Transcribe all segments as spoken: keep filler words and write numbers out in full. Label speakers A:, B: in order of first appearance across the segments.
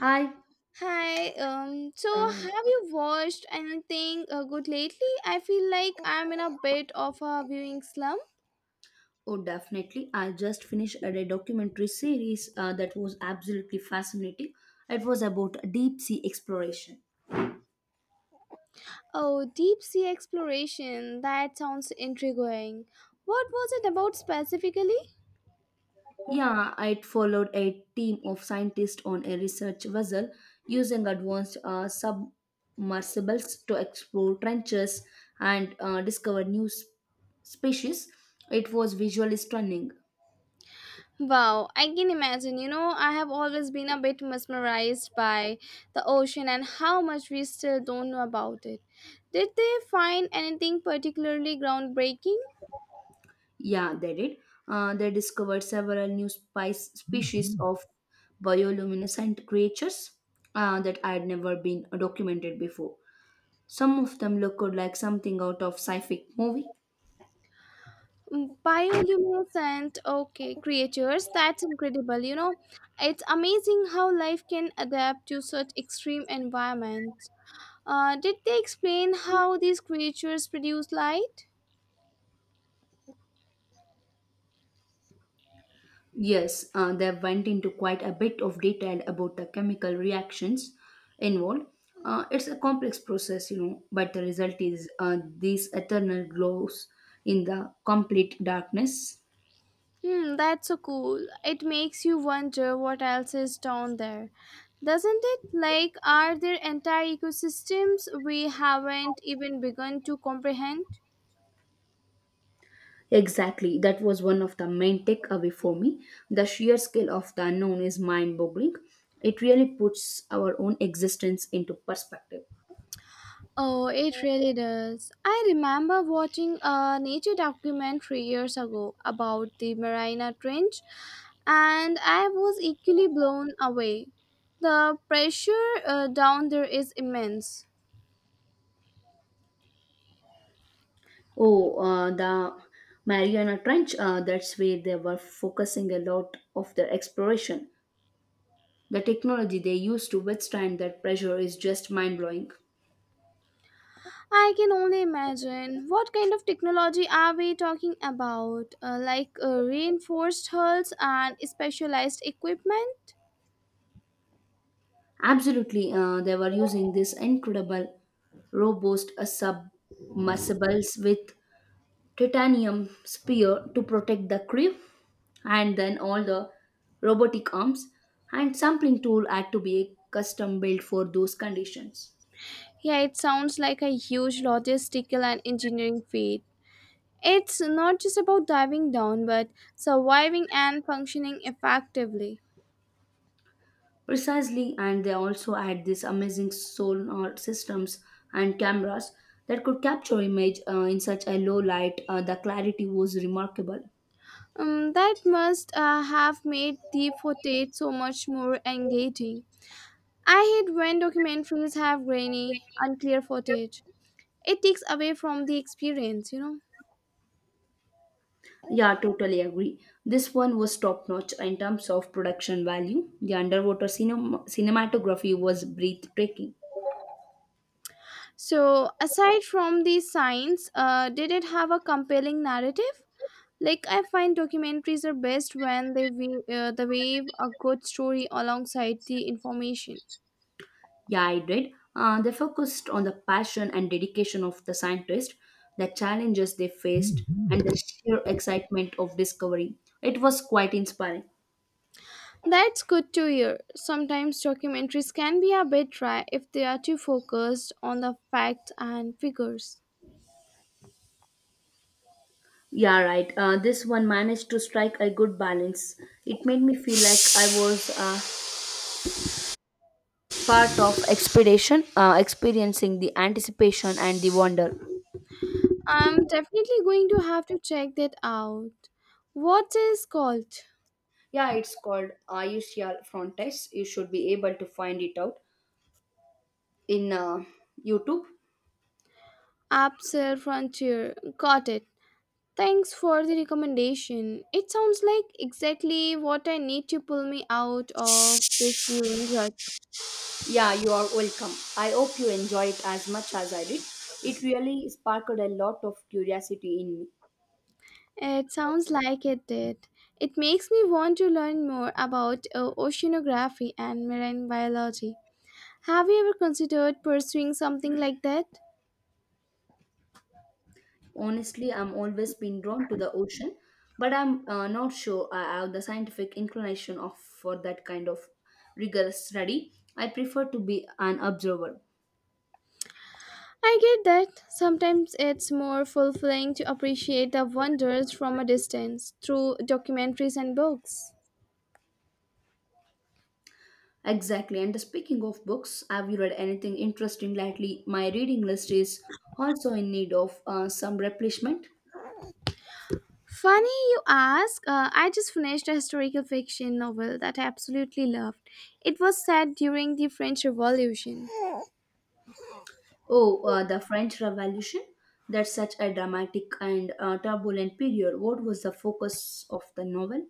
A: Hi.
B: Hi, um, so
A: Um,
B: have you watched anything uh, good lately? I feel like I'm in a bit of a viewing slump.
A: oh, definitely. I just finished a a documentary series uh, that was absolutely fascinating. It was about deep sea exploration.
B: Oh, deep sea exploration. That sounds intriguing. What was it about specifically?
A: Yeah, it followed a team of scientists on a research vessel using advanced uh, submersibles to explore trenches and uh, discover new s- species. It was visually stunning.
B: Wow, I can imagine. You know, I have always been a bit mesmerized by the ocean and how much we still don't know about it. Did they find anything particularly groundbreaking?
A: Yeah, they did. Uh, they discovered several new spice species of bioluminescent creatures uh, that had never been documented before. Some of them looked like something out of sci-fi movie.
B: Mm, bioluminescent okay creatures, that's incredible, you know it's amazing how life can adapt to such extreme environments. Uh, did they explain how these creatures produce light?
A: Yes, uh, they went into quite a bit of detail about the chemical reactions involved. Uh, it's a complex process, you know, but the result is uh, these eternal glows in the complete darkness.
B: Hmm, that's so cool. It makes you wonder what else is down there, doesn't it? Like, are there entire ecosystems we haven't even begun to comprehend?
A: Exactly, that was one of the main takeaway for me. The sheer scale of the unknown is mind boggling. It really puts our own existence into perspective.
B: Oh, it really does. I remember watching a nature documentary years ago about the Marina Trench, and I was equally blown away. The pressure uh, down there is immense.
A: Oh, uh, the Mariana Trench, uh, that's where they were focusing a lot of their exploration. The technology they used to withstand that pressure is just mind blowing.
B: I can only imagine. What kind of technology are we talking about? Uh, like uh, reinforced hulls and specialized equipment?
A: Absolutely, uh, they were using this incredible robust uh, submersibles with titanium spear to protect the crew, and then all the robotic arms and sampling tool had to be custom built for those conditions.
B: Yeah, it sounds like a huge logistical and engineering feat. It's not just about diving down, but surviving and functioning effectively.
A: Precisely, and they also had these amazing sonar systems and cameras that could capture image uh, in such a low light. Uh, the clarity was remarkable.
B: Um, that must uh, have made the footage so much more engaging. I hate when documentaries have grainy, unclear footage. It takes away from the experience, you know.
A: Yeah, totally agree. This one was top notch in terms of production value. The underwater cinema- cinematography was breathtaking.
B: So, aside from the science, uh, did it have a compelling narrative? Like, I find documentaries are best when they weave, uh, they weave a good story alongside the information.
A: Yeah, I did. Uh, they focused on the passion and dedication of the scientists, the challenges they faced, and the sheer excitement of discovery. It was quite inspiring.
B: That's good to hear. Sometimes documentaries can be a bit dry if they are too focused on the facts and figures.
A: Yeah, right. Uh, this one managed to strike a good balance. It made me feel like I was uh, part of expedition, uh, experiencing the anticipation and the wonder.
B: I'm definitely going to have to check that out. What is called?
A: Yeah, it's called I U C L Frontex. You should be able to find it out in uh, YouTube.
B: Absel Frontier. Got it. Thanks for the recommendation. It sounds like exactly what I need to pull me out of this viewing rut.
A: Yeah, you are welcome. I hope you enjoy it as much as I did. It really sparked a lot of curiosity in me.
B: It sounds like it did. It makes me want to learn more about uh, oceanography and marine biology. Have you ever considered pursuing something like that?
A: Honestly, I'm always been drawn to the ocean, but I'm uh, not sure I have the scientific inclination of for that kind of rigorous study. I prefer to be an observer.
B: I get that. Sometimes it's more fulfilling to appreciate the wonders from a distance through documentaries and books.
A: Exactly. And speaking of books, have you read anything interesting lately? My reading list is also in need of uh, some replenishment.
B: Funny you ask, uh, I just finished a historical fiction novel that I absolutely loved. It was set during the French Revolution.
A: Oh, uh, the French Revolution? That's such a dramatic and uh, turbulent period. What was the focus of the novel?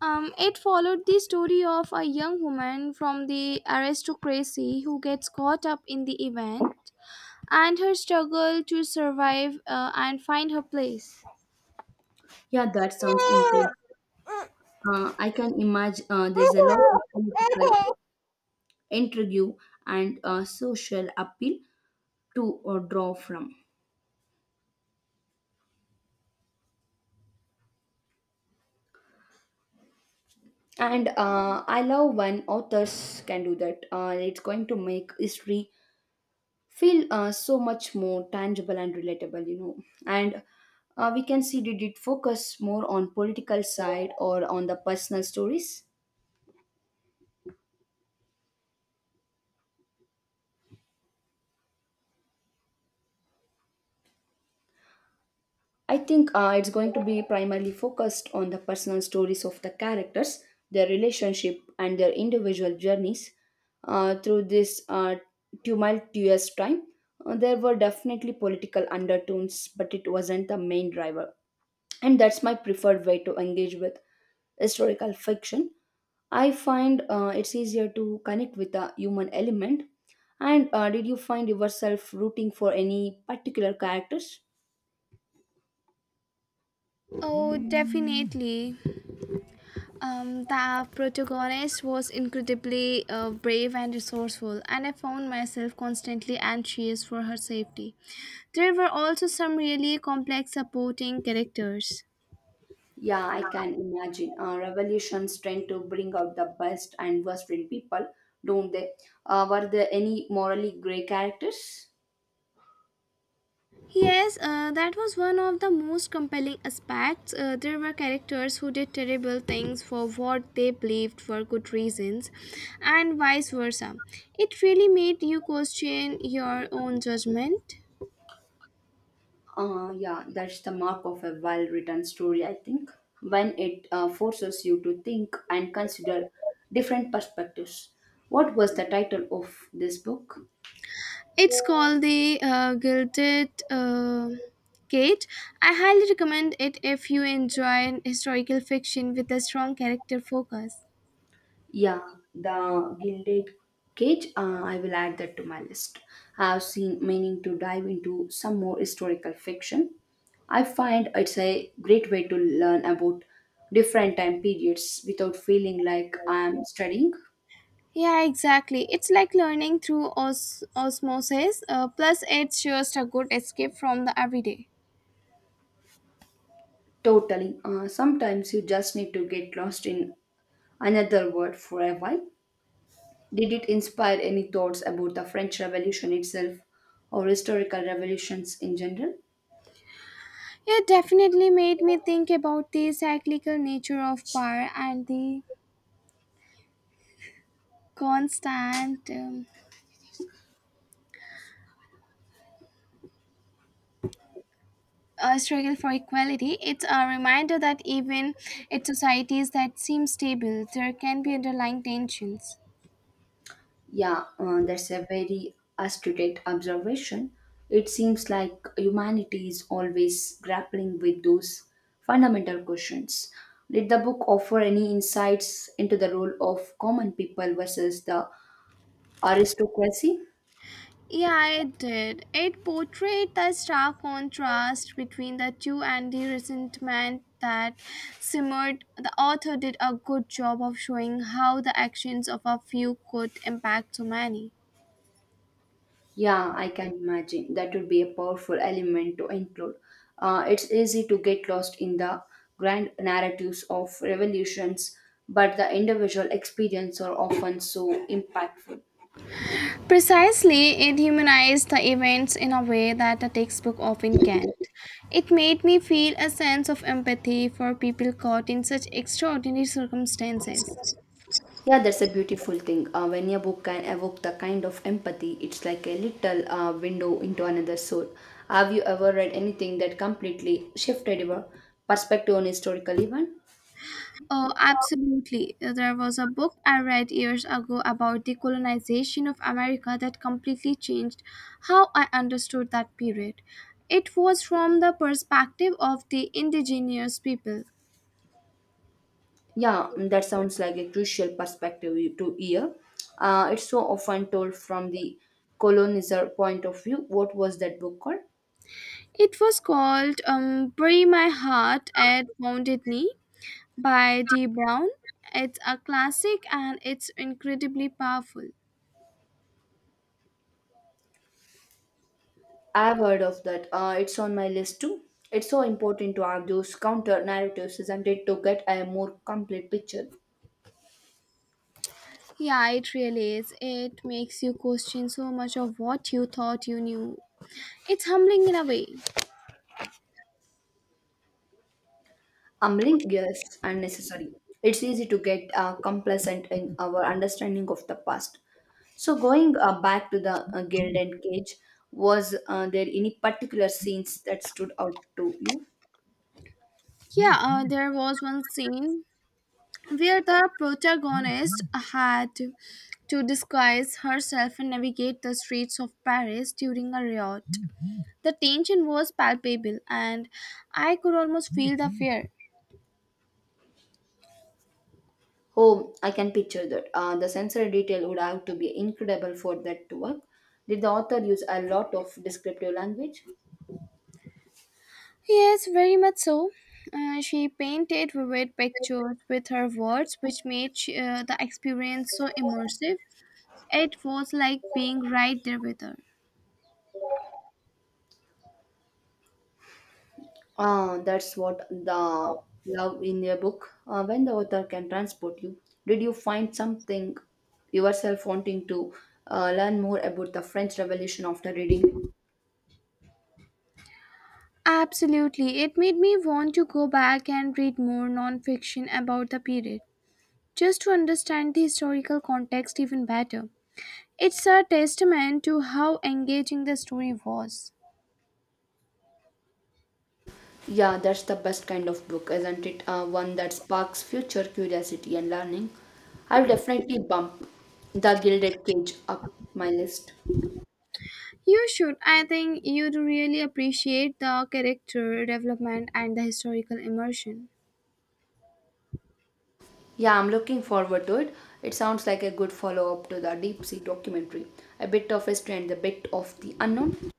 B: Um, it followed the story of a young woman from the aristocracy who gets caught up in the event and her struggle to survive uh, and find her place.
A: Yeah, that sounds intense. Uh, I can imagine uh, there's a lot of political intrigue and uh, social appeal to uh, draw from. And uh, I love when authors can do that. Uh, it's going to make history feel uh, so much more tangible and relatable, you know. And uh, we can see, did it focus more on political side or on the personal stories? I think uh, it's going to be primarily focused on the personal stories of the characters, their relationship and their individual journeys uh, through this uh, tumultuous time. Uh, there were definitely political undertones, but it wasn't the main driver, and that's my preferred way to engage with historical fiction. I find uh, it's easier to connect with a human element. And uh, did you find yourself rooting for any particular characters?
B: Oh, definitely. Um, the protagonist was incredibly uh, brave and resourceful, and I found myself constantly anxious for her safety. There were also some really complex supporting characters.
A: Yeah, I can imagine. Uh, revolutions tend to bring out the best and worst in people, don't they? Uh, were there any morally gray characters?
B: Yes, uh, that was one of the most compelling aspects. Uh, there were characters who did terrible things for what they believed were good reasons, and vice versa. It really made you question your own judgment.
A: Uh, yeah, that's the mark of a well written story, I think, when it uh, forces you to think and consider different perspectives. What was the title of this book?
B: It's called The uh, Gilded uh, Gate. I highly recommend it if you enjoy historical fiction with a strong character focus.
A: Yeah, The Gilded Cage. Uh, I will add that to my list. I have seen meaning to dive into some more historical fiction. I find it's a great way to learn about different time periods without feeling like I am studying.
B: Yeah, exactly. It's like learning through os- osmosis. Uh, plus, it's just a good escape from the everyday.
A: Totally. Uh, sometimes you just need to get lost in another world for a while. Did it inspire any thoughts about the French Revolution itself or historical revolutions in general?
B: It definitely made me think about the cyclical nature of power and the constant um, uh, struggle for equality. It's a reminder that even in societies that seem stable, there can be underlying tensions.
A: Yeah, uh, that's a very astute observation. It seems like humanity is always grappling with those fundamental questions. Did the book offer any insights into the role of common people versus the aristocracy?
B: Yeah, it did. It portrayed the stark contrast between the two and the resentment that simmered. The author did a good job of showing how the actions of a few could impact so many.
A: Yeah, I can imagine. That would be a powerful element to include. Uh, it's easy to get lost in the grand narratives of revolutions, but the individual experience are often so impactful.
B: Precisely, it humanized the events in a way that a textbook often can't. It made me feel a sense of empathy for people caught in such extraordinary circumstances.
A: Yeah, that's a beautiful thing. Uh, when your book can evoke the kind of empathy, it's like a little uh, window into another soul. Have you ever read anything that completely shifted your perspective on historical event?
B: Oh, absolutely. There was a book I read years ago about the colonization of America that completely changed how I understood that period. It was from the perspective of the indigenous people.
A: Yeah, mm, that sounds like a crucial perspective you- to hear. Uh, it's so often told from the colonizer point of view. What was that book called?
B: It was called um, Bury My Heart at Wounded Knee by Dee Brown. It's a classic and it's incredibly powerful.
A: I've heard of that. Uh, it's on my list too. It's so important to have those counter narratives, isn't it, to get a more complete picture.
B: Yeah, it really is. It makes you question so much of what you thought you knew. It's humbling in a way.
A: Humbling, yes, unnecessary. It's easy to get uh, complacent in our understanding of the past. So, going uh, back to the uh, Guild and Cage, was uh, there any particular scenes that stood out to you?
B: Yeah, uh, there was one scene where the protagonist had to disguise herself and navigate the streets of Paris during a riot. The tension was palpable, and I could almost feel the fear.
A: Oh, I can picture that. Uh, the sensory detail would have to be incredible for that to work. Did the author use a lot of descriptive language?
B: Yes, very much so. Uh, she painted vivid pictures with her words, which made she, uh, the experience so immersive. It was like being right there with her.
A: Uh, that's what the love in your book. Uh, when the author can transport you, did you find something yourself wanting to uh, learn more about the French Revolution after reading it?
B: Absolutely. It made me want to go back and read more nonfiction about the period, just to understand the historical context even better. It's a testament to how engaging the story was.
A: Yeah, that's the best kind of book, isn't it? Uh, one that sparks future curiosity and learning. I'll definitely bump The Gilded Cage up my list.
B: You should. I think you'd really appreciate the character development and the historical immersion.
A: Yeah, I'm looking forward to it. It sounds like a good follow up to the Deep Sea documentary. A bit of history and a bit of the unknown.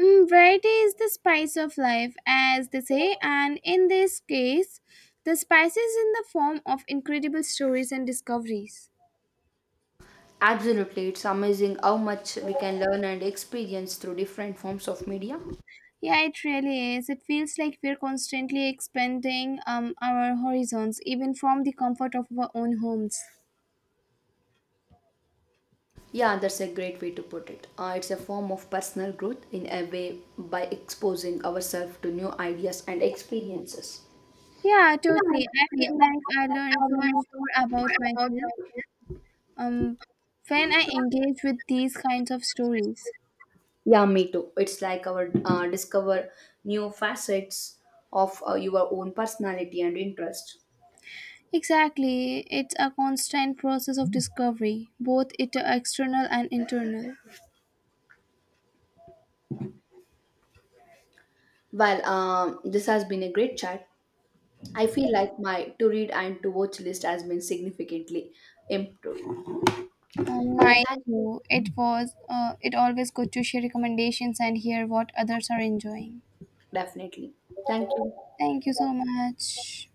B: Mm, variety is the spice of life, as they say, and in this case, the spice is in the form of incredible stories and discoveries.
A: Absolutely, it's amazing how much we can learn and experience through different forms of media.
B: Yeah, it really is. It feels like we're constantly expanding um, our horizons, even from the comfort of our own homes.
A: Yeah, that's a great way to put it. Uh, it's a form of personal growth in a way by exposing ourselves to new ideas and experiences.
B: Yeah,
A: Yeah,
B: totally. I
A: absolutely.
B: feel like I
A: I
B: learned so much
A: learned
B: more
A: so much
B: about
A: about
B: myself
A: uh,
B: um, when I engage with these kinds of stories.
A: yeah, me too. It's like our uh, discover new facets of uh, your own personality and interest.
B: Exactly. It's a constant process of discovery, both it uh, external and internal.
A: Well, um, this has been a great chat. I feel like my to read and to watch list has been significantly improved.
B: Um,
A: Yeah,
B: my
A: thank you.
B: too. It was. Uh, it always good to share recommendations and hear what others are enjoying.
A: Definitely. Thank you.
B: Thank you so much.